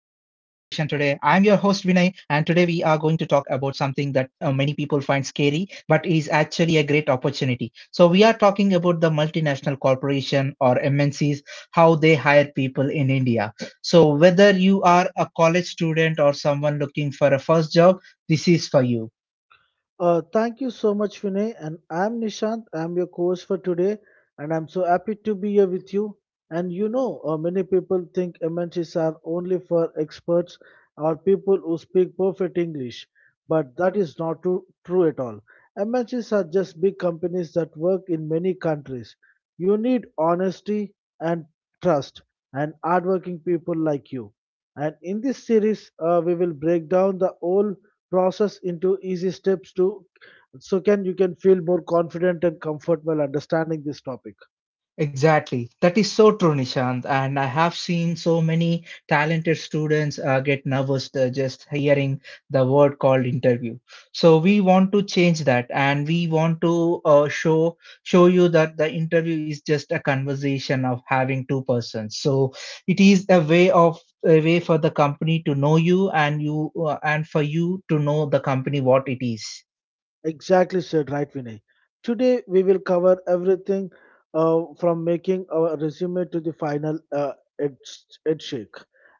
and today we are going to talk about something that many people find scary, but is actually a great opportunity. So we are talking about the multinational corporation or MNCs, how they hire people in India. So whether you are a college student or someone looking for a first job, this is for you. Thank you so much, Vinay. And I'm Nishant. I'm your co-host for today, and I'm so happy to be here with you. And you know, many people think MNCs are only for experts or people who speak perfect English, but that is not true at all. MNCs are just big companies that work in many countries. You need honesty and trust and hardworking people like you. And in this series, we will break down the whole process into easy steps to so can you can feel more confident and comfort while understanding this topic. Exactly. That is so true, Nishant. And I have seen so many talented students get nervous just hearing the word called interview. So we want to change that, and we want to show you that the interview is just a conversation of having two persons. So it is a way of a way for the company to know you, and you and for you to know the company what it is. Exactly said, right, Vinay. Today we will cover everything from making our resume to the final ed- ed shake,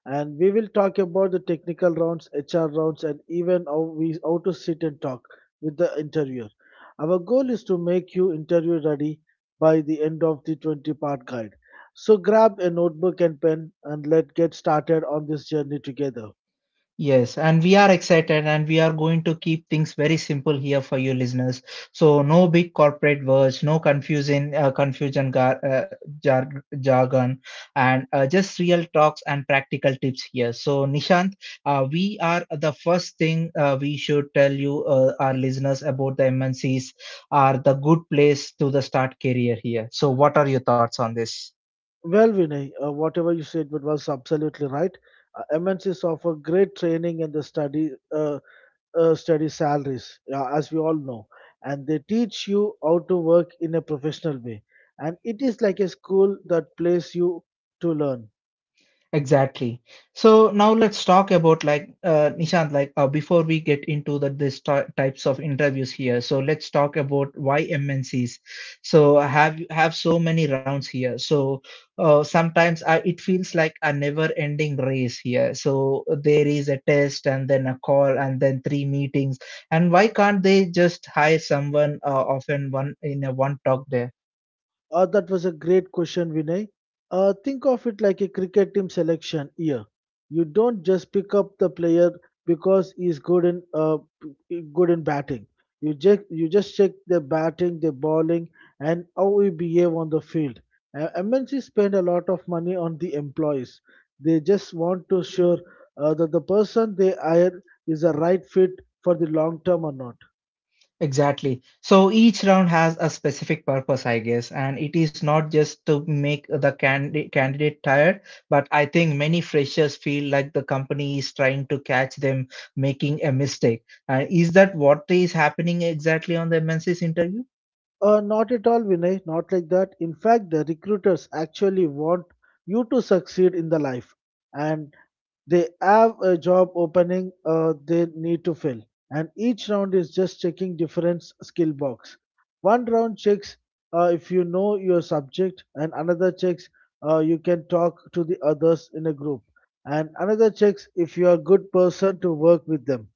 and we will talk about the technical rounds, HR rounds, and even how to sit and talk with the interviewer. Our goal is to make you interview ready by the end of the 20-part guide. So grab a notebook and pen and let's get started on this journey together. Yes, and we are excited and we are going to keep things very simple here for you listeners. So no big corporate words, no confusing confusion gar- jar- jargon and just real talks and practical tips here. So Nishant, we are the first thing we should tell you our listeners about the MNCs are the good place to the start career here. So what are your thoughts on this? Well, Vinay, whatever you said but was absolutely right. MNCs offer great training and the study salaries, as we all know, and they teach you how to work in a professional way. And it is like a school that plays you to learn. Exactly. So now let's talk about like Nishant. Like before we get into types of interviews here, so let's talk about why MNCs. So I have so many rounds here. So sometimes it feels like a never-ending race here. So there is a test and then a call and then three meetings. And why can't they just hire someone often one in a one talk there? That was a great question, Vinay. Think of it like a cricket team selection year. You don't just pick up the player because he's good in batting. You just check their batting, their bowling, and how he behave on the field. MNC spend a lot of money on the employees. They just want to sure that the person they hire is a right fit for the long term or not. Exactly. So each round has a specific purpose, I guess, and it is not just to make the candidate tired, but I think many freshers feel like the company is trying to catch them making a mistake. Is that what is happening exactly on the MNC's interview? Not at all, Vinay, not like that. In fact, the recruiters actually want you to succeed in the life and they have a job opening they need to fill. And each round is just checking different skill box. One round checks if you know your subject and another checks you can talk to the others in a group and another checks if you are a good person to work with them.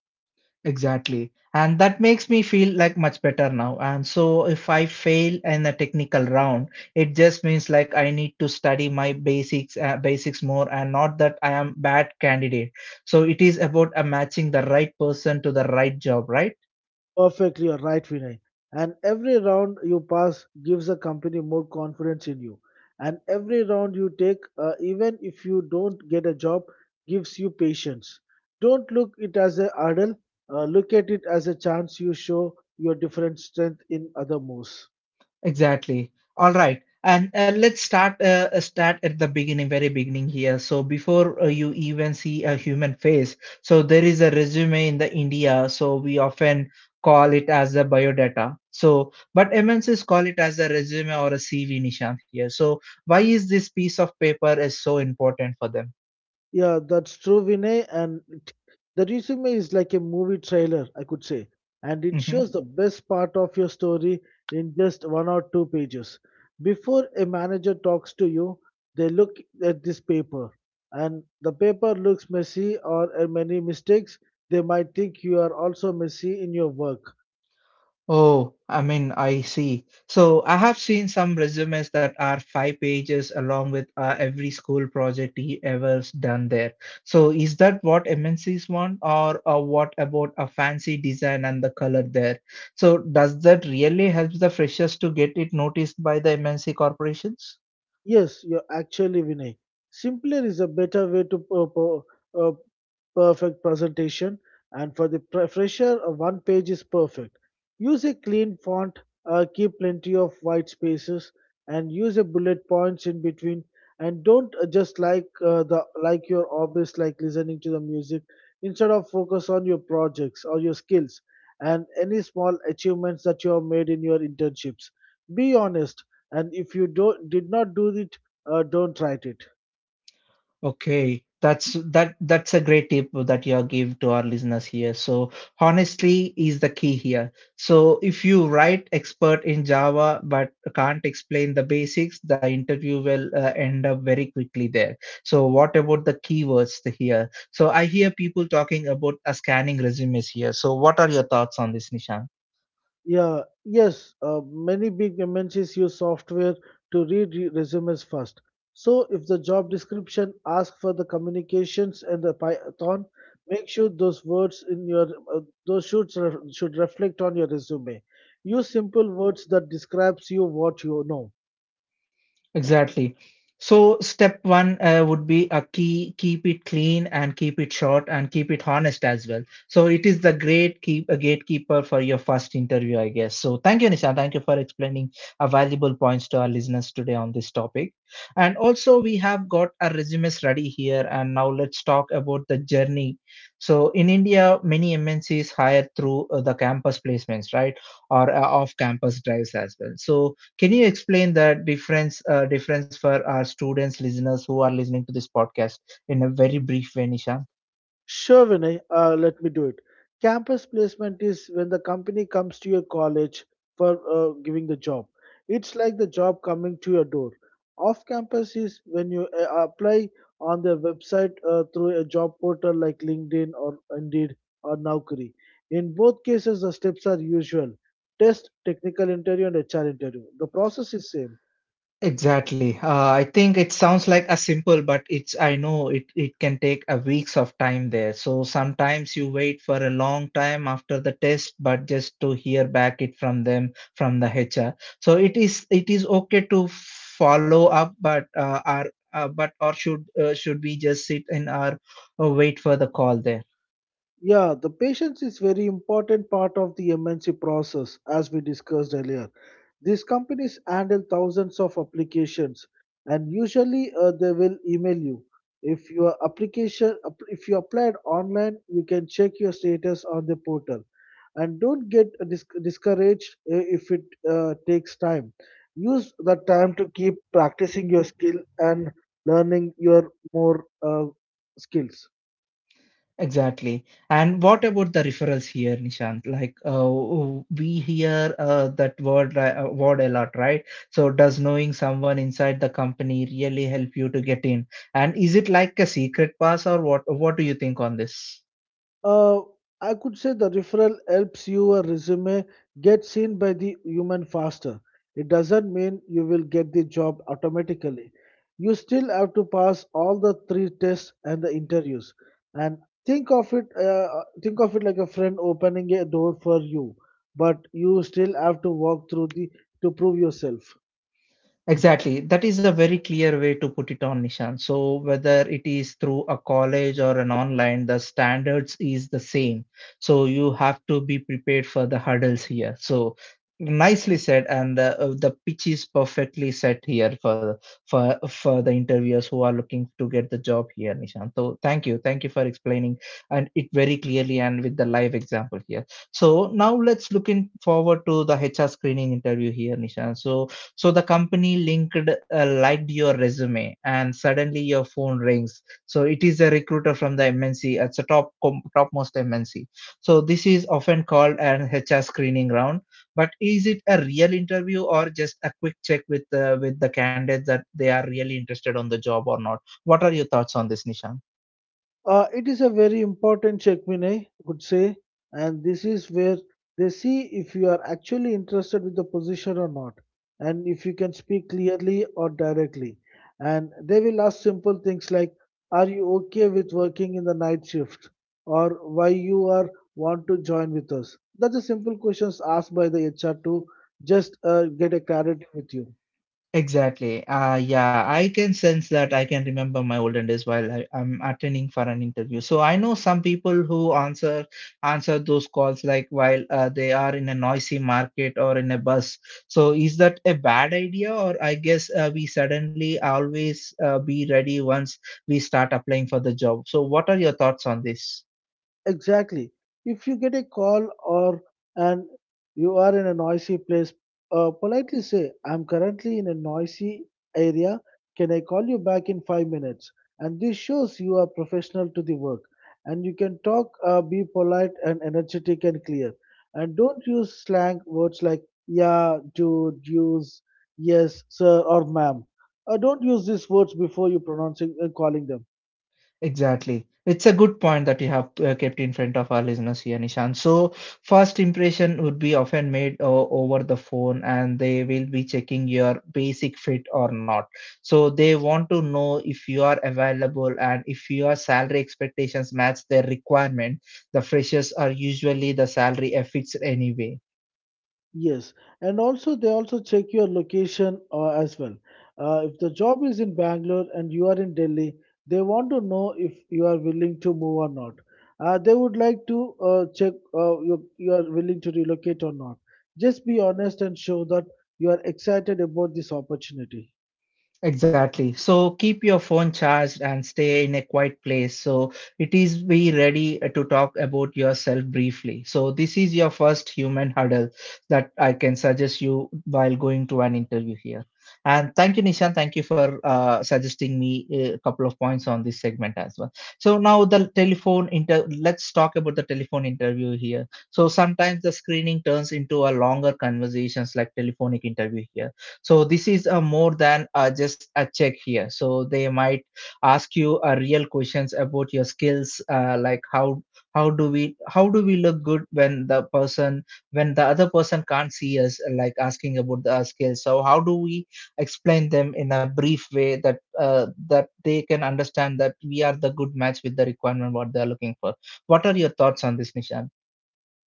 Exactly. And that makes me feel like much better now. And so if I fail in the technical round, it just means like I need to study my basics more and not that I am bad candidate. So it is about matching the right person to the right job, right? Perfectly, you're right, Vinay. And every round you pass gives the company more confidence in you. And every round you take, even if you don't get a job, gives you patience. Don't look it as a hurdle. Look at it as a chance you show your different strength in other moves. Exactly. All right. And let's start at the beginning, very beginning here. So before you even see a human face, so there is a resume in the India. So we often call it as the biodata. So, but MNCs call it as a resume or a CV, Nishant here. So why is this piece of paper is so important for them? Yeah, that's true, Vinay. The resume is like a movie trailer, I could say. And it Mm-hmm. shows the best part of your story in just one or two pages. Before a manager talks to you, they look at this paper. And the paper looks messy or many mistakes. They might think you are also messy in your work. Oh, I mean, I see. So I have seen some resumes that are five pages along with every school project he ever's done there. So is that what MNCs want, or what about a fancy design and the color there? So does that really help the freshers to get it noticed by the MNC corporations? Yes, you're actually Vinay. Simpler is a better way to uh, perfect presentation, and for the fresher, one page is perfect. Use a clean font, keep plenty of white spaces, and use a bullet points in between. And don't just like the like your hobbies, like listening to the music. Instead of focus on your projects or your skills and any small achievements that you have made in your internships. Be honest and if you don't did not do it don't write it. Okay, that's a great tip that you give to our listeners here. So honesty is the key here. So if you write expert in Java but can't explain the basics, the interview will end up very quickly there. So what about the keywords here? So I hear people talking about scanning resumes here. So what are your thoughts on this, Nishan? Yeah, yes, many big mnc's use software to read resumes first. So if the job description asks for the communications and the python, make sure those words in your uh, those should reflect on your resume. Use simple words that describes you what you know. Exactly. So step one would be a key, keep it clean and keep it short and keep it honest as well. So it is the great keep a gatekeeper for your first interview, I guess. So thank you, Nisha. Thank you for explaining a valuable points to our listeners today on this topic. And also we have got our resumes ready here. And now let's talk about the journey. So in India, many MNCs hire through the campus placements, right? Or off-campus drives as well. So can you explain that difference for our students, listeners who are listening to this podcast in a very brief way, Nishant? Sure, Vinay, let me do it. Campus placement is when the company comes to your college for giving the job. It's like the job coming to your door. Off campus is when you apply on their website through a job portal like LinkedIn or Indeed or Naukri. In both cases, the steps are usual: test, technical interview, and HR interview. The process is same. Exactly. I think it sounds like a simple, but it's I know it can take a weeks of time there. So sometimes you wait for a long time after the test, but just to hear back it from them from the HR. So it is okay to follow up, but our but or should we just sit in our. Oh, wait for the call there. Yeah, the patience is very important part of the MNC process as we discussed earlier. These companies handle thousands of applications, and usually they will email you. If your if you applied online, you can check your status on the portal. And don't get discouraged if it takes time. Use the time to keep practicing your skill and learning your more skills. Exactly. And what about the referrals here, Nishant? Like, we hear that word li- word a lot, right? So, does knowing someone inside the company really help you to get in? And is it like a secret pass, or what? What do you think on this? Uh, I could say the referral helps your resume get seen by the human faster. It doesn't mean you will get the job automatically. You still have to pass all the three tests and the interviews. And think of it, uh, think of it like a friend opening a door for you, but you still have to walk through the to prove yourself. Exactly. That is a very clear way to put it on Nishan. So whether it is through a college or an online, the standards is the same. So you have to be prepared for the hurdles here. So nicely said, and the pitch is perfectly set here for the interviewers who are looking to get the job here, Nishan. So thank you for explaining and it very clearly and with the live example here. So now let's look in forward to the HR screening interview here, Nishan. So the company linked liked your resume, and suddenly your phone rings. So it is a recruiter from the MNC. It's a topmost MNC. So this is often called an HR screening round. But is it a real interview or just a quick check with the candidate that they are really interested on the job or not? What are your thoughts on this, Nisha? It is a very important check, Vinay, I could say, and this is where they see if you are actually interested with the position or not, and if you can speak clearly or directly. And they will ask simple things like, "Are you okay with working in the night shift?" or "Why you are want to join with us?" That's the simple questions asked by the HR to just get a clarity with you. Exactly. Yeah, I can sense that I can remember my olden days while I'm attending for an interview. So I know some people who answer those calls like while they are in a noisy market or in a bus. So is that a bad idea? Or I guess we suddenly always be ready once we start applying for the job. So what are your thoughts on this? Exactly. If you get a call or and you are in a noisy place, politely say, I'm currently in a noisy area. Can I call you back in 5 minutes? And this shows you are professional to the work. And you can talk, be polite and energetic and clear. And don't use slang words like yeah, dude, use, yes, sir, or ma'am. Don't use these words before you pronouncing and calling them. Exactly. It's a good point that you have kept in front of our listeners here, Nishan. So, first impression would be often made over the phone, and they will be checking your basic fit or not. So, they want to know if you are available and if your salary expectations match their requirement. The freshers are usually the salary affixed anyway. Yes, and also they also check your location as well. If the job is in Bangalore and you are in Delhi, they want to know if you are willing to move or not. They would like to check you are willing to relocate or not. Just be honest and show that you are excited about this opportunity. Exactly. So keep your phone charged and stay in a quiet place. So it is be ready to talk about yourself briefly. So this is your first human huddle that I can suggest you while going to an interview here. And thank you, Nishan. Thank you for suggesting me a couple of points on this segment as well. So now the telephone inter. let's talk about the telephone interview here. So sometimes the screening turns into a longer conversations like telephonic interview here, so this is a more than just a check here. So they might ask you real questions about your skills like how how do we look good when the person, when the other person can't see us, like asking about the skills. So how do we explain them in a brief way that that they can understand that we are the good match with the requirement what they are looking for. What are your thoughts on this, Nisha?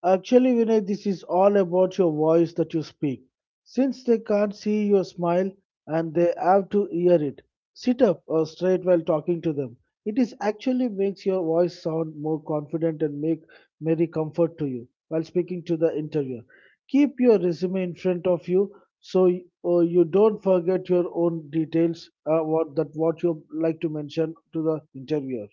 Actually, Vinay, this is all about your voice that you speak. Since they can't see your smile and they have to hear it, sit up or straight while talking to them. It is actually makes your voice sound more confident and make merry comfort to you while speaking to the interviewer. Keep your resume in front of you so you don't forget your own details uh, what you like to mention to the interviewer.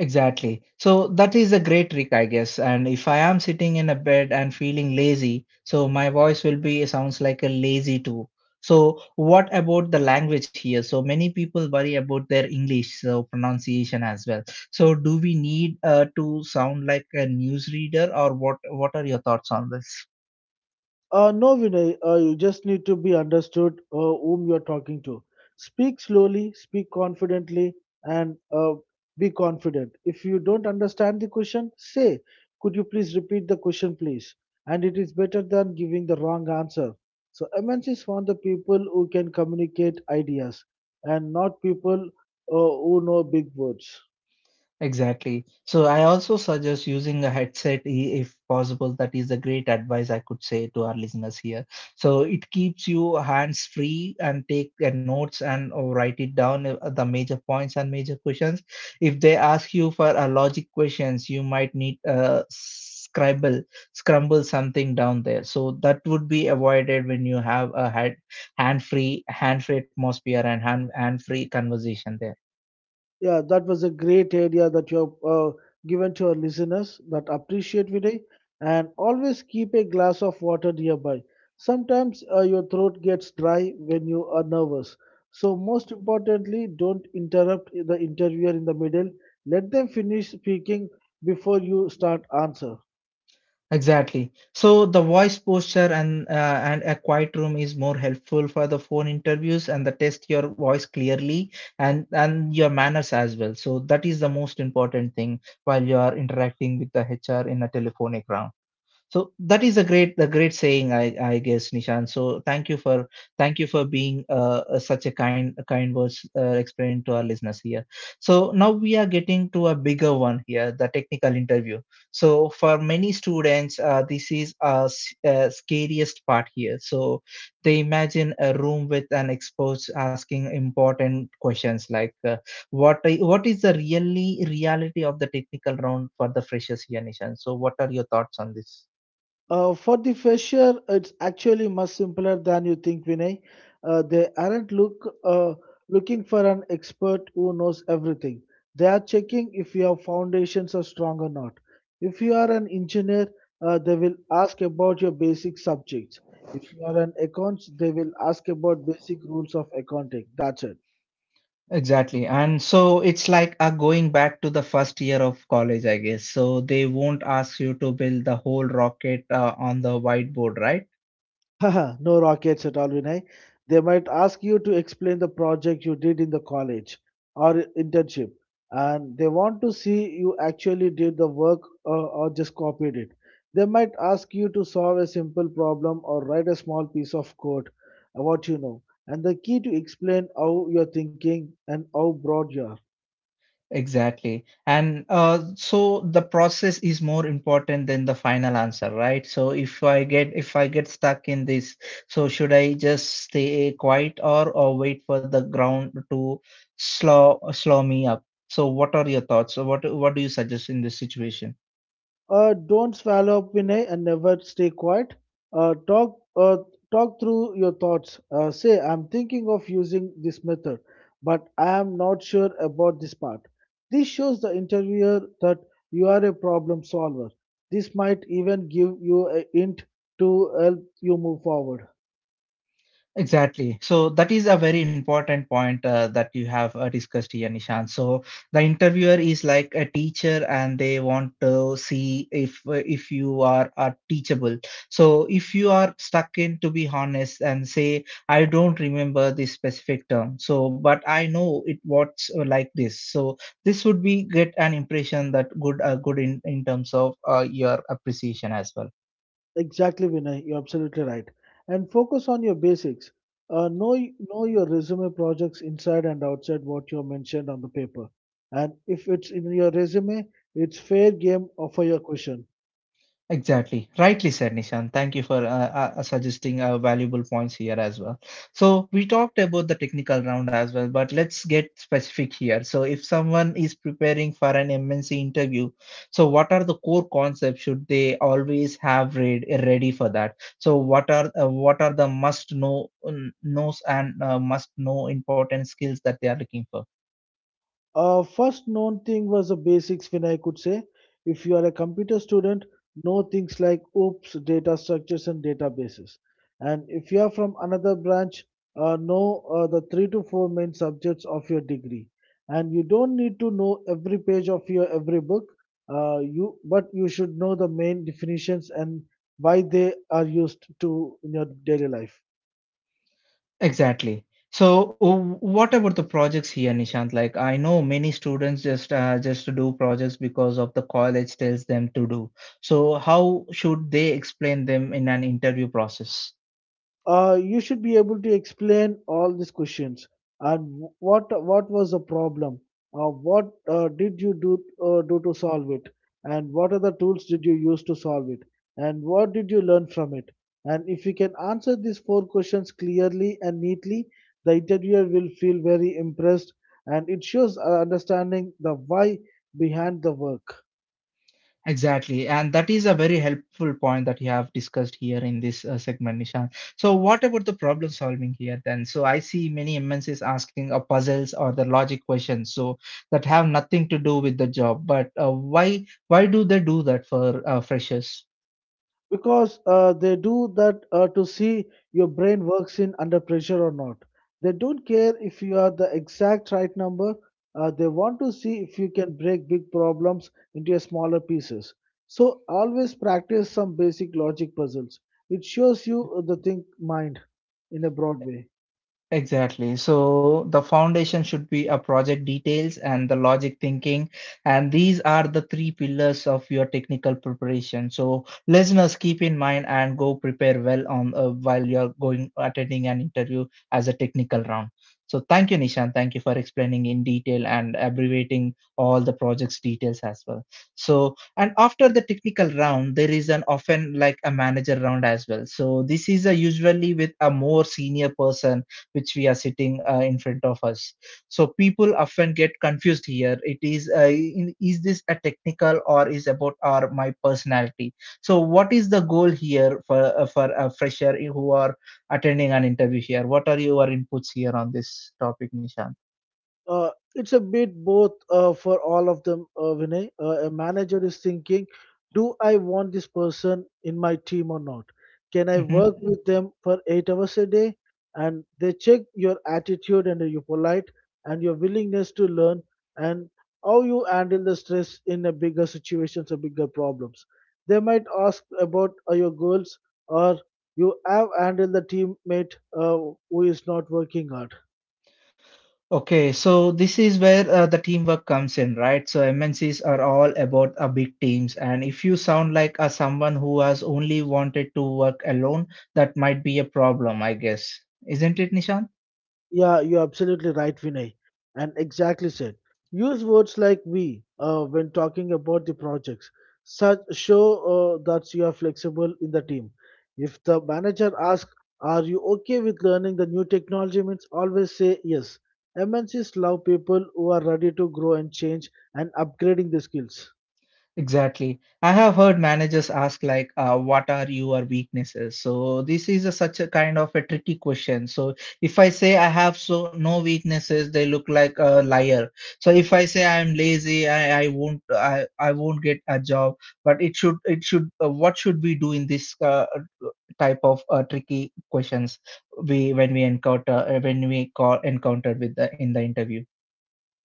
Exactly. So that is a great trick, I guess. And if I am sitting in a bed and feeling lazy, so my voice will be sounds like a lazy too. So what about the language here? So many people worry about their English, so pronunciation as well. So do we need to sound like a newsreader, or what? What are your thoughts on this? No, Vinay, you just need to be understood whom you're talking to. Speak slowly, speak confidently, and be confident. If you don't understand the question, say, Could you please repeat the question, please? And it is better than giving the wrong answer. So, MNCs want the people who can communicate ideas and not people who know big words. Exactly. So I also suggest using if possible. That is a great advice I could say to our listeners here. So it keeps you hands free and take the notes and or write it down the major points and major questions. If they ask you for a logic questions, you might need scribble scramble something down there. So that would be avoided when you have a head hand free atmosphere and hand free conversation there. Yeah, that was a great idea that you have given to our listeners that appreciate Vinay, and always keep a glass of water nearby. Sometimes your throat gets dry when you are nervous. So most importantly, don't interrupt the interviewer in the middle. Let them finish speaking before you start answer. Exactly. So the voice posture and a quiet room is more helpful for the phone interviews and the test your voice clearly and your manners as well. So that is the most important thing while you are interacting with the HR in a telephonic round. So that is a great saying, I guess, Nishan. So thank you for being such a kind words, explaining to our listeners here. So now we are getting to a bigger one here, the technical interview. So for many students, this is a, s- scariest part here. So they imagine a room with an expert asking important questions like what is the really reality of the technical round for the freshers here, Nishan? So what are your thoughts on this? For the fresher, it's actually much simpler than you think, Vinay. They aren't looking for an expert who knows everything. They are checking if your foundations are strong or not. If you are an engineer, they will ask about your basic subjects. If you are an accounts, they will ask about basic rules of accounting. That's it. Exactly. And so it's like going back to the first year of college, I guess. So they won't ask you to build the whole rocket on the whiteboard, right? Haha, no rockets at all, Vinay. They might ask you to explain the project you did in the college or internship, and they want to see you actually did the work or just copied it. They might ask you to solve a simple problem or write a small piece of code, what you know, and the key to explain how you're thinking and how broad you are. Exactly. And so the process is more important than the final answer, right? So if I get stuck in this, so should I just stay quiet or wait for the ground to slow me up? So what are your thoughts? So what do you suggest in this situation? Don't swallow up, Vinay, and never stay quiet. Uh, talk, uh, Talk through your thoughts. Say, I'm thinking of using this method, but I am not sure about this part. This shows the interviewer that you are a problem solver. This might even give you a hint to help you move forward. Exactly. So that is a very important point that you have discussed here, Nishan. So the interviewer is like a teacher, and they want to see if you are teachable. So if you are stuck in, to be honest, and say I don't remember this specific term, so but I know it was like this. So this would be get an impression that good, good in terms of your appreciation as well. Exactly, Vinay. You're absolutely right. And focus on your basics. Know know your resume projects inside and outside what you mentioned on the paper. And if it's in your resume, it's fair game for your question. Exactly. Rightly said, Nishan. Thank you for suggesting valuable points here as well. So, we talked about the technical round as well, but let's get specific here. So, if someone is preparing for an MNC interview, so what are the core concepts should they always have read, ready for that? So, what are the must know knows and must know important skills that they are looking for? First known thing was the basics when I could say. If you are a computer student, know things like OOPs, data structures, and databases. And if you are from another branch, know the three to four main subjects of your degree. And you don't need to know every page of your every book. You but you should know the main definitions and why they are used to in your daily life. Exactly. So, what about the projects here, Nishant? Like, I know many students just to do projects because of the college tells them to do. So, how should they explain them in an interview process? You should be able to explain all these questions, and what was the problem, what did you do do to solve it, and what are the tools did you use to solve it, and what did you learn from it. And if you can answer these four questions clearly and neatly, the interviewer will feel very impressed, and it shows understanding the why behind the work. Exactly, and that is a very helpful point that you have discussed here in this segment, Nishant. So, what about the problem solving here then? So, I see many MNCs asking puzzles or the logic questions, so that have nothing to do with the job. But uh, why do they do that for freshers? Because they do that to see your brain works in under pressure or not. They don't care if you are the exact right number. They want to see if you can break big problems into smaller pieces. So always practice some basic logic puzzles. It shows you the think mind in a broad way. Exactly. So the foundation should be a project details and the logic thinking. And these are the three pillars of your technical preparation. So listeners keep in mind and go prepare well on while you're going attending an interview as a technical round. So thank you, Nishan. Thank you for explaining in detail and abbreviating all the project's details as well. So and after the technical round, there is an often like a manager round as well. So this is a usually with a more senior person which we are sitting in front of us. So people often get confused here. It is is this a technical or is about our my personality? So what is the goal here for a fresher who are attending an interview here? What are your inputs here on this topic, Nishant? Uh, it's a bit both for all of them, Vinay. A manager is thinking, do I want this person in my team or not? Can I Mm-hmm. work with them for 8 hours a day? And they check your attitude and you polite and your willingness to learn, and how you handle the stress in a bigger situations or bigger problems. They might ask about your goals, or you have handled the teammate who is not working hard. Okay, so this is where the teamwork comes in, right? So MNCs are all about a big teams, and if you sound like a someone who has only wanted to work alone, that might be a problem, I guess. Isn't it, Nishan? Yeah, you're absolutely right, Vinay, and exactly said. Use words like we when talking about the projects. Such show that you are flexible in the team. If the manager asks, "Are you okay with learning the new technology?" means always say yes. MNCs love people who are ready to grow and change and upgrading their skills. Exactly. I have heard managers ask like, "What are your weaknesses?" So this is a, such a kind of a tricky question. So if I say I have so no weaknesses, they look like a liar. So if I say I'm lazy, I won't get a job. But it should what should we do in this type of tricky questions we when we encounter when we call encountered with the in the interview?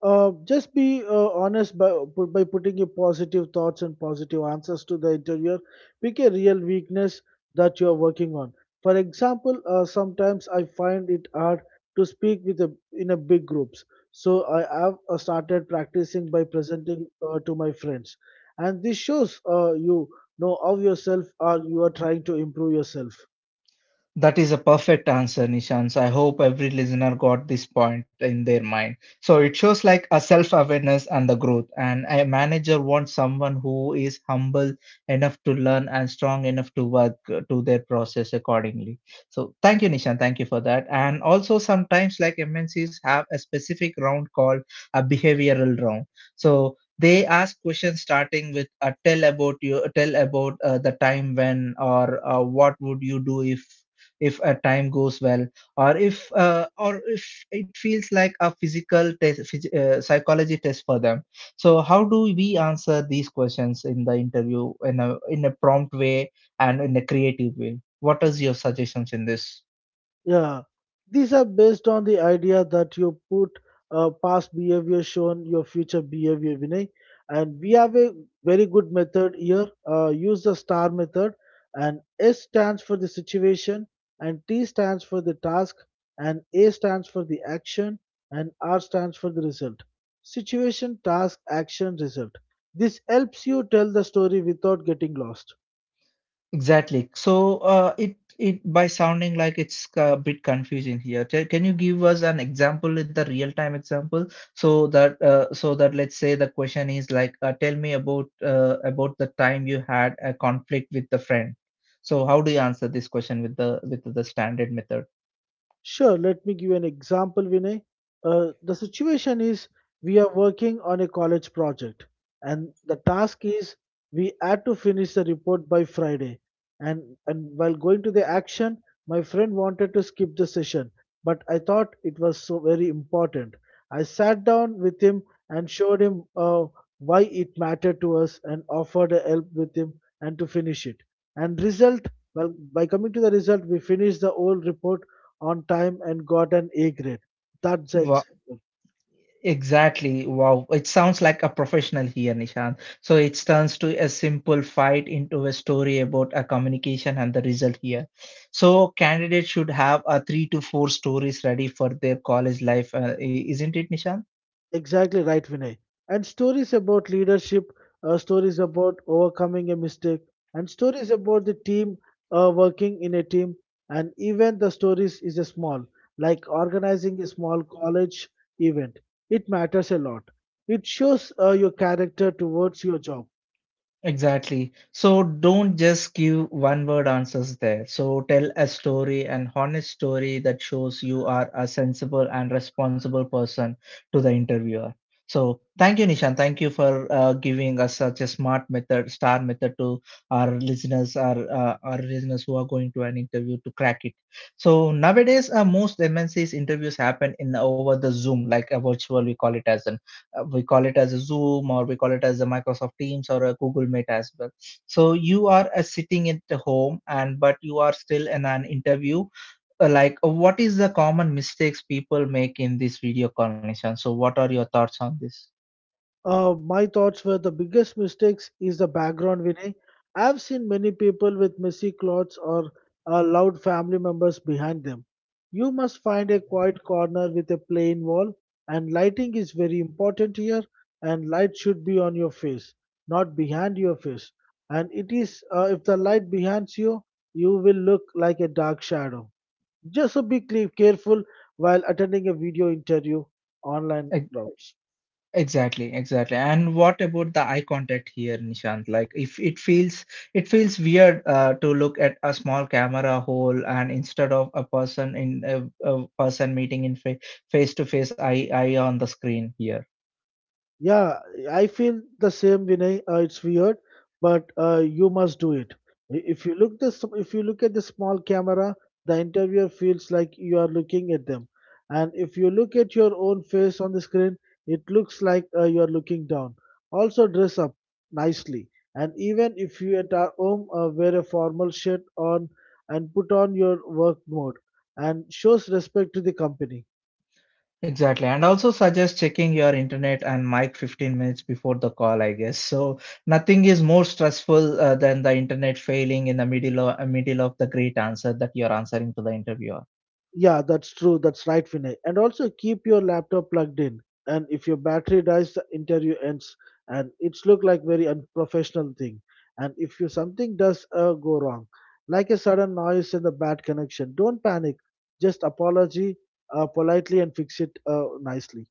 Just be honest by, by putting your positive thoughts and positive answers to the interviewer. Pick a real weakness that you are working on. For example, sometimes I find it hard to speak with a, in a big groups. So I have started practicing by presenting to my friends. And this shows you know of yourself or you are trying to improve yourself. That is a perfect answer, Nishant. So I hope every listener got this point in their mind. So it shows like a self awareness and the growth. And a manager wants someone who is humble enough to learn and strong enough to work to their process accordingly. So thank you, Nishant. Thank you for that. And also, sometimes like MNCs have a specific round called a behavioral round. So they ask questions starting with tell about the time when or what would you do if a time goes well or if it feels like a physical test, psychology test for them. So how do we answer these questions in the interview in a prompt way and in a creative way? What is your suggestions in this? Yeah, these are based on the idea that you put past behavior shown your future behavior, Vinay. And we have a very good method here. Use the STAR method, and S stands for the situation, and T stands for the task, and A stands for the action, and R stands for the result. Situation, task, action, result. This helps you tell the story without getting lost. Exactly. So it it by sounding like it's a bit confusing here. Can you give us an example with the real time example so that so that let's say the question is like tell me about the time you had a conflict with the friend. So how do you answer this question with the standard method? Sure, let me give you an example, Vinay. The situation is we are working on a college project, and the task is we had to finish the report by Friday. And while going to the action, my friend wanted to skip the session, but I thought it was so very important. I sat down with him and showed him why it mattered to us and offered a help with him and to finish it. And result, well, by coming to the result, we finished the whole report on time and got an A grade. That's the Wa example. Exactly. Wow. It sounds like a professional here, Nishan. So it turns to a simple fight into a story about a communication and the result here. So candidates should have a three to four stories ready for their college life, isn't it, Nishan? Exactly right, Vinay. And stories about leadership, stories about overcoming a mistake, and stories about the team working in a team. And even the stories is a small, like organizing a small college event. It matters a lot. It shows your character towards your job. Exactly. So don't just give one word answers there. So tell a story, an honest story that shows you are a sensible and responsible person to the interviewer. So thank you, Nishan. Thank you for giving us such a smart method, star method to our listeners, our listeners who are going to an interview to crack it. So nowadays, most MNCs interviews happen in over the Zoom, like a virtual. We call it as an we call it as a zoom or we call it as a microsoft teams or a google meet as well. So you are sitting at the home and but you are still in an interview. Like what is the common mistakes people make in this video conversation? So what are your thoughts on this? My thoughts were the biggest mistakes is the background, Vinay. I've seen many people with messy clothes or loud family members behind them. You must find a quiet corner with a plain wall, and lighting is very important here. And light should be on your face, not behind your face. And it is if the light behind you, you will look like a dark shadow. Just so be careful while attending a video interview online routes. Exactly, exactly. And what about the eye contact here, Nishant? Like, if it feels it feels weird to look at a small camera hole and instead of a person in a person meeting in fa face to face eye on the screen here. Yeah, I feel the same, Vinay. It's weird, but you must do it. If you look this, if you look at the small camera, the interviewer feels like you are looking at them, and if you look at your own face on the screen, it looks like you are looking down. Also, dress up nicely, and even if you at our home wear a formal shirt on and put on your work mode, and shows respect to the company. Exactly. And also suggest checking your internet and mic 15 minutes before the call, I guess. So nothing is more stressful than the internet failing in the middle of the great answer that you're answering to the interviewer. Yeah, that's true. That's right, Vinay. And also keep your laptop plugged in. And if your battery dies, the interview ends. And it's look like very unprofessional thing. And if you something does go wrong, like a sudden noise and a bad connection, don't panic. Just apology politely and fix it nicely.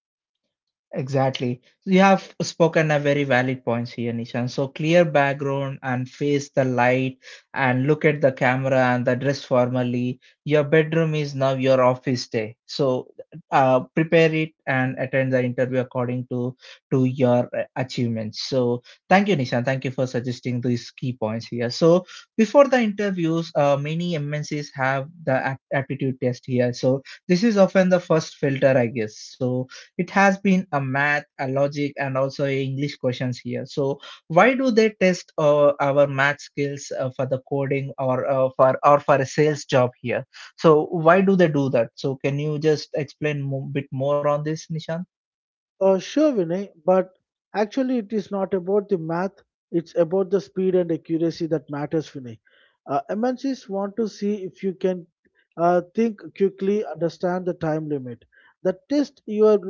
Exactly. So you have spoken a very valid points here, Nishan. So clear background and face the light and look at the camera and the dress formally. Your bedroom is now your office day. So prepare it and attend the interview according to your achievements. So thank you, Nishan. Thank you for suggesting these key points here. So before the interviews, many MNCs have the aptitude test here. So this is often the first filter, I guess. So it has been a math, a logic, and also a English questions here. So why do they test our math skills for the coding or for a sales job here? So why do they do that? So can you just explain a bit more on this, Nishant? Sure, Vinay, but actually, it is not about the math, it's about the speed and accuracy that matters, Vinay. MNCs want to see if you can think quickly, understand the time limit. They test your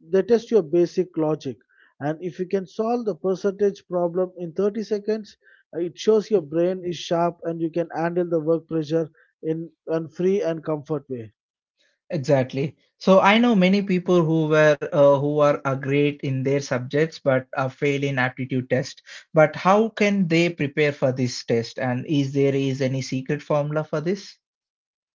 they test your basic logic, and if you can solve the percentage problem in 30 seconds, it shows your brain is sharp and you can handle the work pressure in a free and comfort way. Exactly. So I know many people who are great in their subjects but fail in aptitude test. But how can they prepare for this test? And is there is any secret formula for this?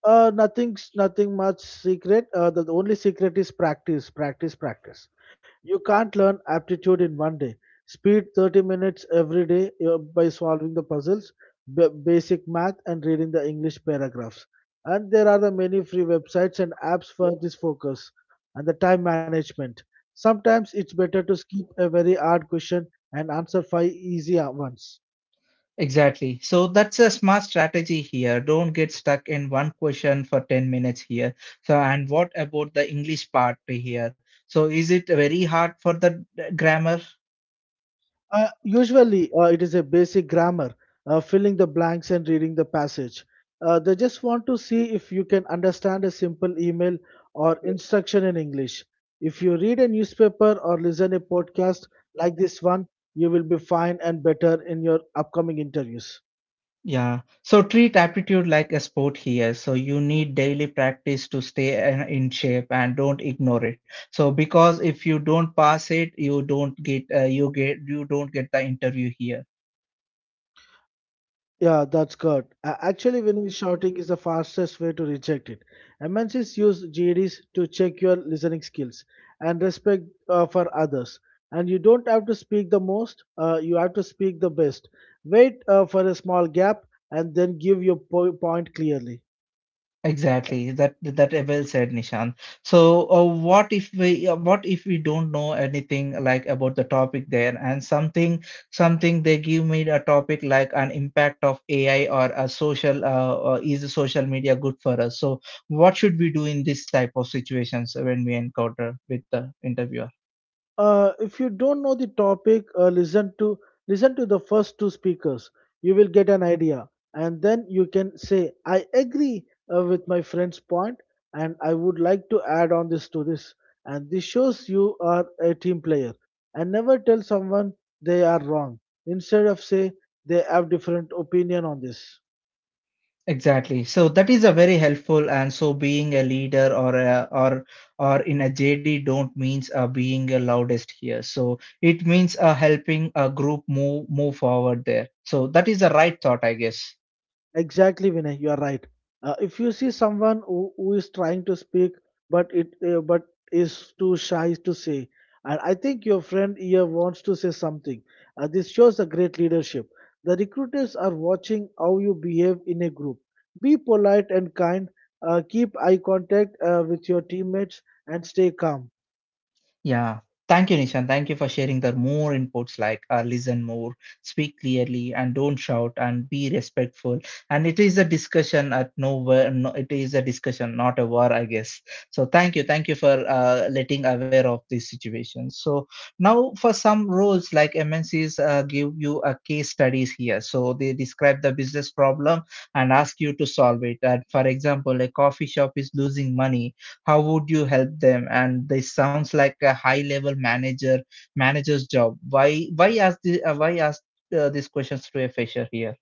Nothing much secret. The only secret is practice, practice, practice. You can't learn aptitude in one day. Speed 30 minutes every day by solving the puzzles, basic math, and reading the English paragraphs. And there are the many free websites and apps for this focus and the time management. Sometimes it's better to skip a very hard question and answer five easy ones. Exactly. So that's a smart strategy here. Don't get stuck in one question for 10 minutes here. So and what about the English part here? So is it very hard for the grammar? Usually, it is a basic grammar, filling the blanks and reading the passage. They just want to see if you can understand a simple email or instruction in English. If you read a newspaper or listen a podcast like this one, you will be fine and better in your upcoming interviews. Yeah. So treat aptitude like a sport here. So you need daily practice to stay in shape and don't ignore it. So because if you don't pass it, you don't get the interview here. Yeah, that's good. Actually, winning shouting is the fastest way to reject it. MNCs use GEDs to check your listening skills and respect for others. And you don't have to speak the most, you have to speak the best. Wait for a small gap and then give your point clearly. Exactly. That that Well said, Nishan. So, what if we don't know anything like about the topic there and something they give me a topic like an impact of AI or a social is the social media good for us? So, what should we do in this type of situations when we encounter with the interviewer? If you don't know the topic, listen to the first two speakers. You will get an idea, and then you can say, "I agree with my friend's point, and I would like to add on this to this." And this shows you are a team player. And never tell someone they are wrong. Instead of say they have different opinion on this. Exactly. So that is a very helpful. And so being a leader or in a JD don't means being a loudest here. So it means helping a group move forward there. So that is the right thought, I guess. Exactly, Vinay, you are right. If you see someone who is trying to speak but is too shy to say, and I think your friend here wants to say something. This shows a great leadership. The recruiters are watching how you behave in a group. Be polite and kind. Keep eye contact with your teammates and stay calm. Yeah. Thank you, Nishan. Thank you for sharing the more inputs like listen more, speak clearly, and don't shout, and be respectful. And it is a discussion at nowhere. No, it is a discussion, not a war, I guess. So thank you for letting aware of this situation. So now for some roles like MNCs give you a case studies here. So they describe the business problem and ask you to solve it. And for example, a coffee shop is losing money, how would you help them? And this sounds like a high level manager's job. Why ask the, why ask these questions to a fresher here?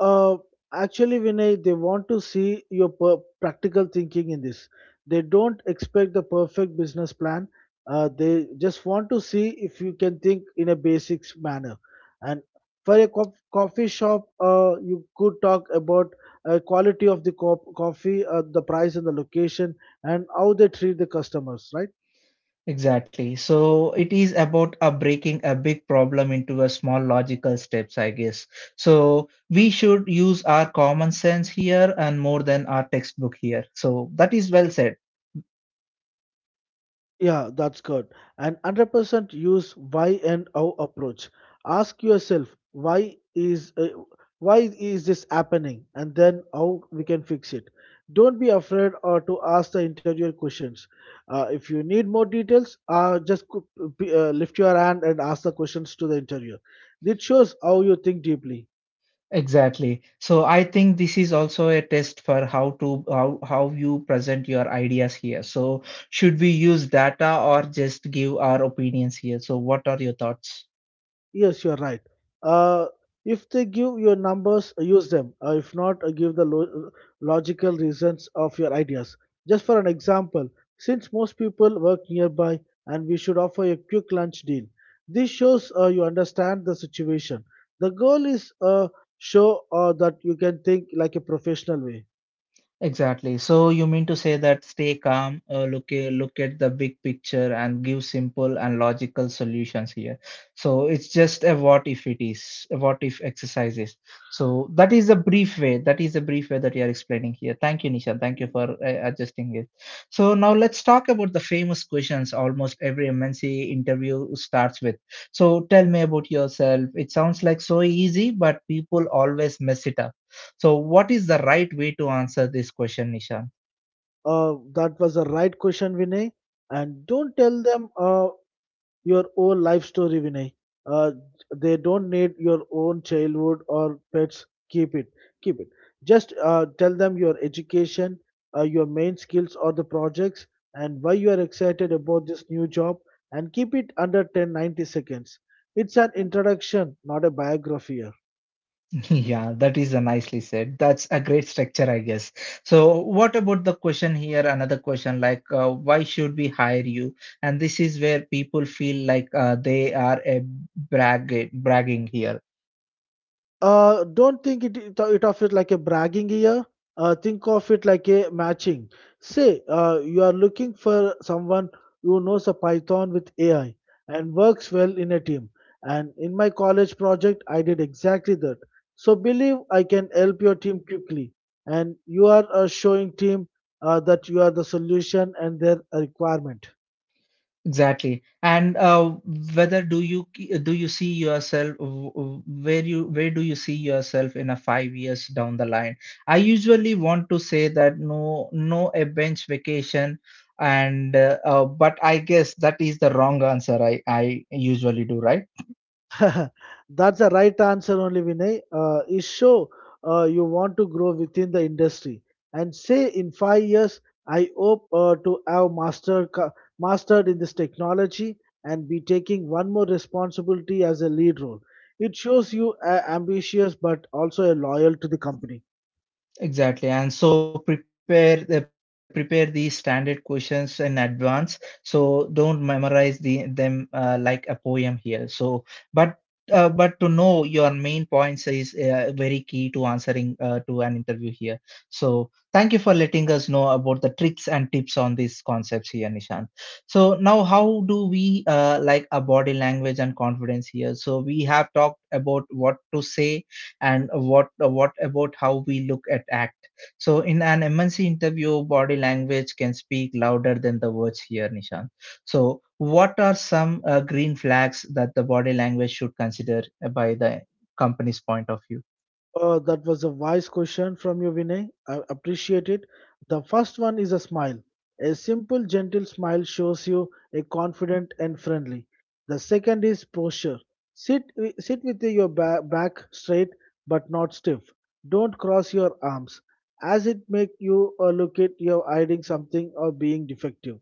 Uh, actually, Vinay, they want to see your practical thinking in this. They don't expect the perfect business plan. They just want to see if you can think in a basics manner. And for a coffee shop, you could talk about quality of the coffee, the price, and the location, and how they treat the customers, right? Exactly. So it is about breaking a big problem into a small logical steps, I guess. So we should use our common sense here and more than our textbook here. So that is well said. Yeah, that's good. And 100% use why and how approach. Ask yourself why is this happening, and then how we can fix it. Don't be afraid or to ask the interior questions. If you need more details, just lift your hand and ask the questions to the interior. It shows how you think deeply. Exactly. So I think this is also a test for how to how how you present your ideas here. So should we use data or just give our opinions here? So what are your thoughts? Yes, you're right. Uh, if they give your numbers, use them. If not, give the logical reasons of your ideas. Just for an example, since most people work nearby and we should offer a quick lunch deal, this shows you understand the situation. The goal is show that you can think like a professional way. Exactly. So you mean to say that stay calm, look at the big picture, and give simple and logical solutions here. So it's just a what if it is, a what if exercises. So that is a brief way. That is a brief way that you are explaining here. Thank you, Nisha. Thank you for adjusting it. So now let's talk about the famous questions. Almost every MNC interview starts with. So tell me about yourself. It sounds like so easy, but people always mess it up. So what is the right way to answer this question, Nishan? That was the right question, Vinay. And don't tell them your own life story, Vinay. Uh, they don't need your own childhood or pets. Keep it. Keep it. Just tell them your education, your main skills or the projects, and why you are excited about this new job. And keep it under 10 90 seconds. It's an introduction, not a biography. Yeah, that is a nicely said. That's a great structure, I guess. So what about the question here? Another question like, why should we hire you? And this is where people feel like they are a bragging here. Don't think it, it, it of it like a bragging year. Think of it like a matching. Say you are looking for someone who knows a Python with AI and works well in a team. And in my college project, I did exactly that. So believe I can help your team quickly. And you are showing team that you are the solution and their requirement. Exactly. And whether do you see yourself where do you see yourself in a 5 years down the line? I usually want to say that no a bench vacation and but I guess that is the wrong answer I usually do, right? That's the right answer only, Vinay. Is show you want to grow within the industry and say in five years, I hope to have mastered in this technology and be taking one more responsibility as a lead role. It shows you ambitious but also a loyal to the company. Exactly, and so prepare prepare these standard questions in advance. So don't memorize the them like a poem here. But but to know your main points is very key to answering to an interview here. So thank you for letting us know about the tricks and tips on these concepts here, Nishant. So now, how do we like a body language and confidence here? So we have talked about what to say and what about how we look at act. So in an MNC interview, body language can speak louder than the words here, Nishant. So what are some green flags that the body language should consider by the company's point of view? That was a wise question from you, Vinay. I appreciate it. The first one is a smile. A simple, gentle smile shows you a confident and friendly. The second is posture. Sit with your back straight but not stiff. Don't cross your arms, as it make you look at you're hiding something or being defective.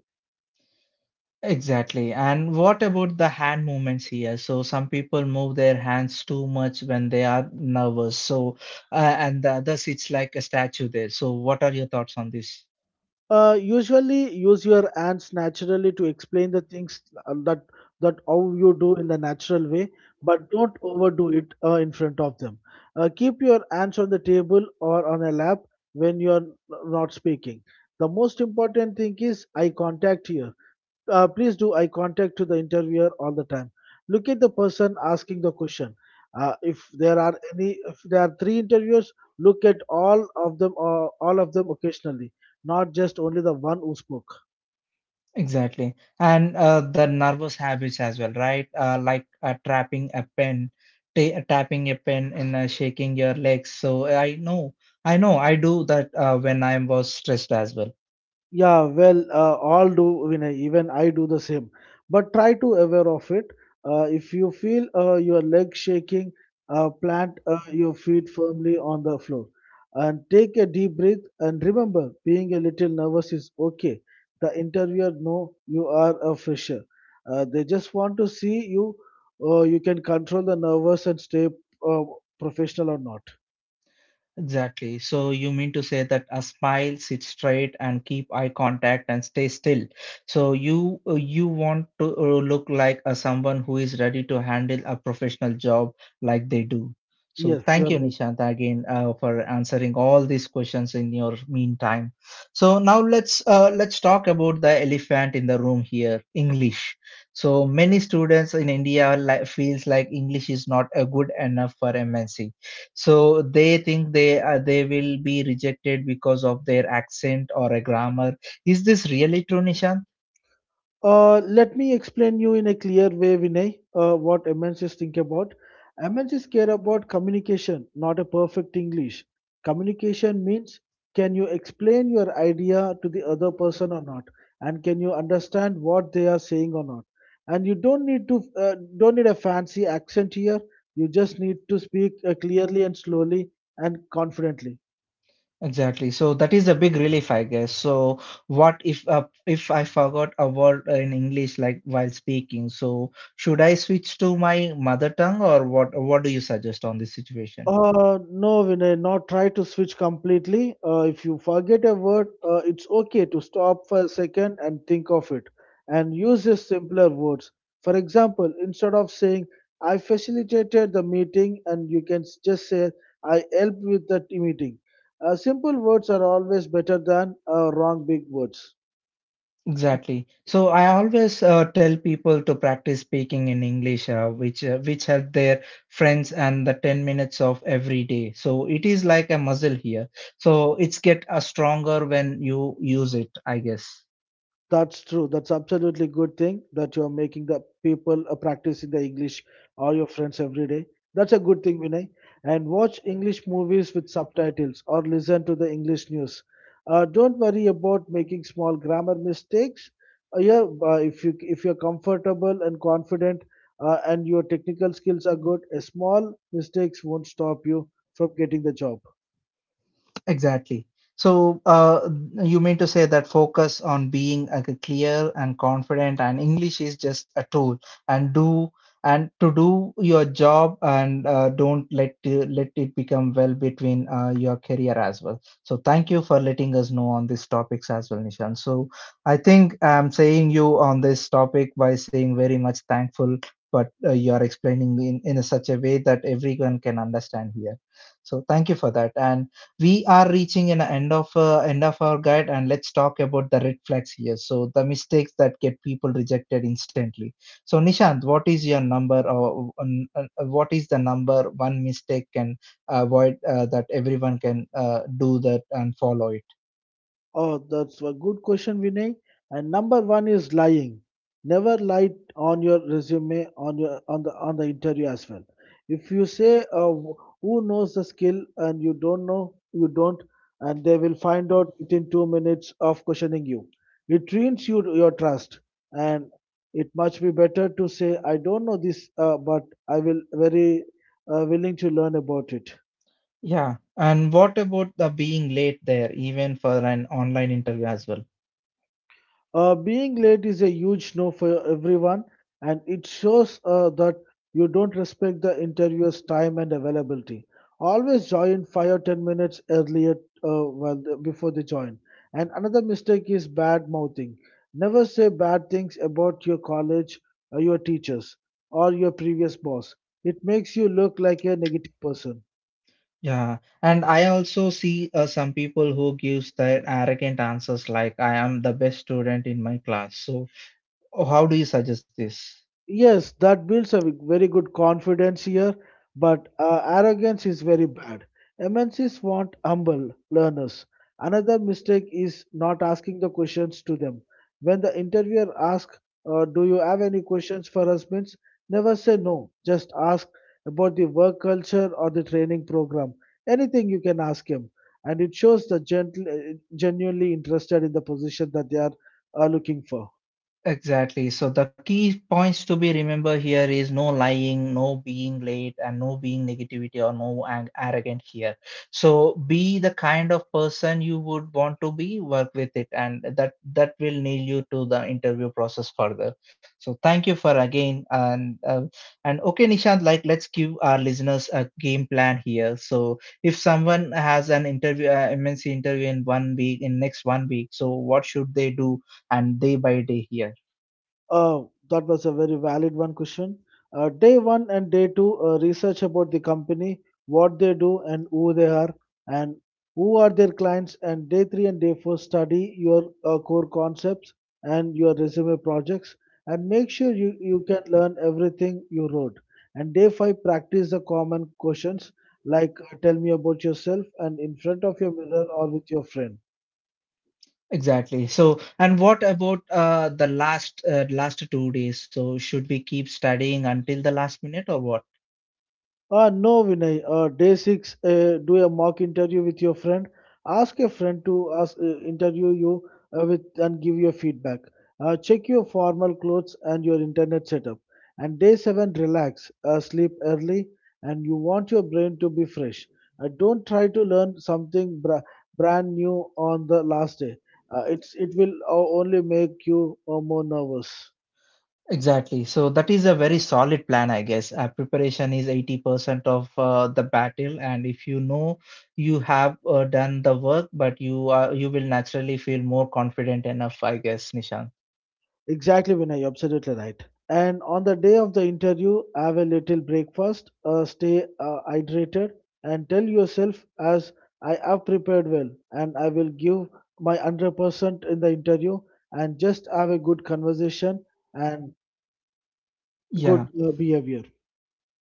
Exactly. And what about the hand movements here? So some people move their hands too much when they are nervous. So and the others, it's like a statue there. So what are your thoughts on this? Usually use your hands naturally to explain the things that how you do in the natural way, but don't overdo it in front of them. Keep your hands on the table or on a lap when you are not speaking. The most important thing is eye contact here, please do eye contact to the interviewer all the time. Look at the person asking the question. If there are three interviewers, look at all of them occasionally, not just only the one who spoke. Exactly. And the nervous habits as well, right? Like trapping a pen, ta tapping a pen and shaking your legs. So I know, I do that when I was stressed as well. Yeah, well, all do, Vinay, even I do the same. But try to aware of it. If you feel your leg shaking, plant your feet firmly on the floor and take a deep breath. And remember, being a little nervous is okay. The interviewer know you are a fresher. They just want to see you. You can control the nervous and stay uh, professional or not. Exactly. So you mean to say that a smile, sit straight, and keep eye contact and stay still. So you want to look like a someone who is ready to handle a professional job like they do. So Yes, you are thank you, right. Nishanta, again for answering all these questions in your meantime. So now let's talk about the elephant in the room here, English. So many students in India feels like English is not a good enough for MNC, so they think they will be rejected because of their accent or a grammar. Is this really true, Nishant? Let me explain you in a clear way, Vinay, what MNCs think about. MNCs care about communication, not a perfect English. Communication means can you explain your idea to the other person or not, and can you understand what they are saying or not. And you don't need to don't need a fancy accent here. You just need to speak clearly and slowly and confidently. Exactly. So that is a big relief, I guess. So what if I forgot a word in English like while speaking? So should I switch to my mother tongue or what? What do you suggest on this situation? No, Vinay, not try to switch completely. If you forget a word, it's okay to stop for a second and think of it and use the simpler words. For example, instead of saying, I facilitated the meeting, and you can just say, I helped with that meeting. Simple words are always better than wrong big words. Exactly. So I always tell people to practice speaking in English, which help their friends and the 10 minutes of every day. So it is like a muscle here. So it's get stronger when you use it, I guess. That's true. That's absolutely good thing that you're making the people practicing the English or your friends every day. That's a good thing, Vinay. And watch English movies with subtitles or listen to the English news. Don't worry about making small grammar mistakes. Yeah, if you if you're comfortable and confident and your technical skills are good, a small mistakes won't stop you from getting the job. Exactly. So, you mean to say that focus on being like a clear and confident, and English is just a tool, and do and to do your job, and don't let it become well between your career as well. So thank you for letting us know on these topics as well, Nishan. So I think I'm saying you on this topic by saying very much thankful, but you are explaining in a such a way that everyone can understand here. So thank you for that, and we are reaching an end of our guide, and let's talk about the red flags here. So the mistakes that get people rejected instantly. So Nishant, what is your number or what is the number one mistake can avoid that everyone can do that and follow it? Oh, that's a good question, Vinay. And number one is lying. Never lie on your resume, on the interview as well. If you say who knows the skill and you don't know, you don't, and they will find out within two minutes of questioning you. It ruins you your trust, and it much be better to say I don't know this, but I will very willing to learn about it. Yeah, and what about the being late there even for an online interview as well? Being late is a huge no for everyone, and it shows that you don't respect the interviewer's time and availability. Always join 5 or 10 minutes earlier, well, before they join. And another mistake is bad mouthing. Never say bad things about your college, or your teachers, or your previous boss. It makes you look like a negative person. Yeah, and I also see some people who gives their arrogant answers like I am the best student in my class. So how do you suggest this? Yes, that builds a very good confidence here, but arrogance is very bad. MNCs want humble learners. Another mistake is not asking the questions to them. When the interviewer asks, "Do you have any questions for us?" means never say no. Just ask about the work culture or the training program. Anything you can ask him. And it shows the genuinely interested in the position that they are looking for. Exactly. So the key points to be remember here is no lying, no being late, and no being negativity or no arrogant here. So be the kind of person you would want to be, work with it, and that will nail you to the interview process further. So thank you for again and okay, Nishant. Like let's give our listeners a game plan here. So if someone has an interview, MNC interview in 1 week, in next 1 week, so what should they do? And day by day here. Oh, that was a very question. Day one and day two, research about the company, what they do and who they are, and who are their clients. And day three and day four, study your core concepts and your resume projects, and make sure you can learn everything you wrote. And day five, practice the common questions like tell me about yourself and in front of your mirror or with your friend. Exactly. So, and what about the last last 2 days? So should we keep studying until the last minute or what? No, Vinay. Day six, do a mock interview with your friend. Ask a friend to ask, interview you with and give your feedback. Check your formal clothes and your internet setup. And day seven, relax. Sleep early, and you want your brain to be fresh. Don't try to learn something brand new on the last day. It's it will only make you more nervous. Exactly. So that is a very solid plan, I guess. Preparation is 80% of the battle, and if you know you have done the work, but you will naturally feel more confident enough, I guess, Nishan. Exactly, Vinay, you're absolutely right. And on the day of the interview, have a little breakfast, stay hydrated, and tell yourself, as I have prepared well, and I will give my 100% in the interview, and just have a good conversation and Yeah. good behavior.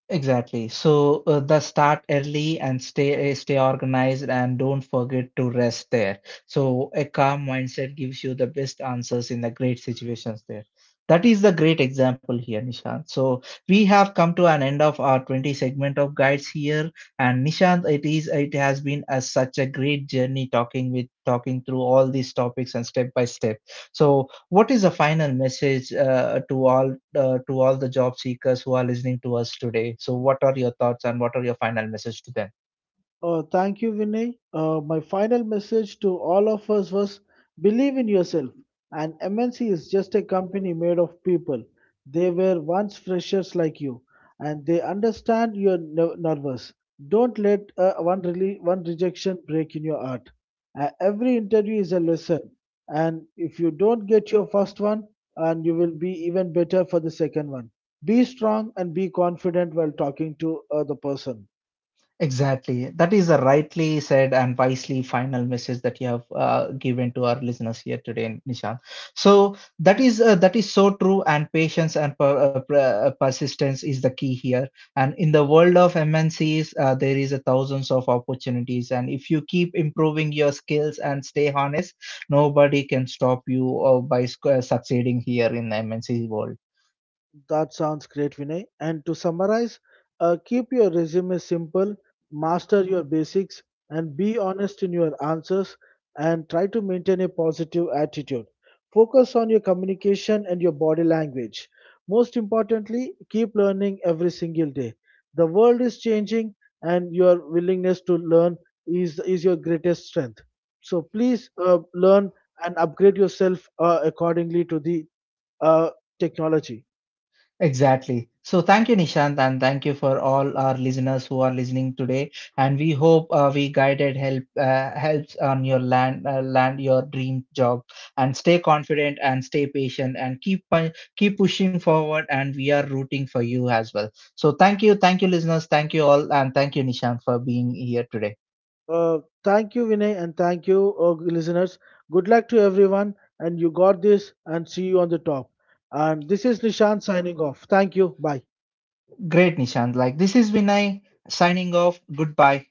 Exactly. So the start early and stay stay organized and don't forget to rest there. So a calm mindset gives you the best answers in the great situations there. That is the great example here, Nishant. So we have come to an end of our 20 segment of guides here. And Nishant, it has been a, such a great journey talking through all these topics and step by step. So what is the final message to all the job seekers who are listening to us today? So what are your thoughts, and what are your final message to them? Thank you, Vinay. My final message to all of us was believe in yourself. And MNC is just a company made of people. They were once freshers like you, and they understand you're nervous. Don't let one rejection break in your heart. Every interview is a lesson, and if you don't get your first one, and you will be even better for the second one. Be strong and be confident while talking to the person. Exactly. That is a rightly said and wisely final message that you have given to our listeners here today, Nishant. So that is so true, and patience and persistence is the key here. And in the world of MNCs, there is a thousands of opportunities, and if you keep improving your skills and stay honest, nobody can stop you by succeeding here in the MNC world. That sounds great, Vinay. And to summarize, keep your resume simple, master your basics, and be honest in your answers, and try to maintain a positive attitude. Focus on your communication and your body language. Most importantly, keep learning every single day. The world is changing, and your willingness to learn is your greatest strength. So please learn and upgrade yourself accordingly to the uh, technology. Exactly. So thank you, Nishant, and thank you for all our listeners who are listening today. And we hope we guided helps on your land your dream job. And stay confident and stay patient and keep pushing forward. And we are rooting for you as well. So thank you, listeners, thank you all, and thank you, Nishant, for being here today. Thank you, Vinay, and thank you, listeners. Good luck to everyone, and you got this, and see you on the top. And this is Nishan signing off. Thank you. Bye. Great, Nishant. Like this is Vinay signing off. Goodbye.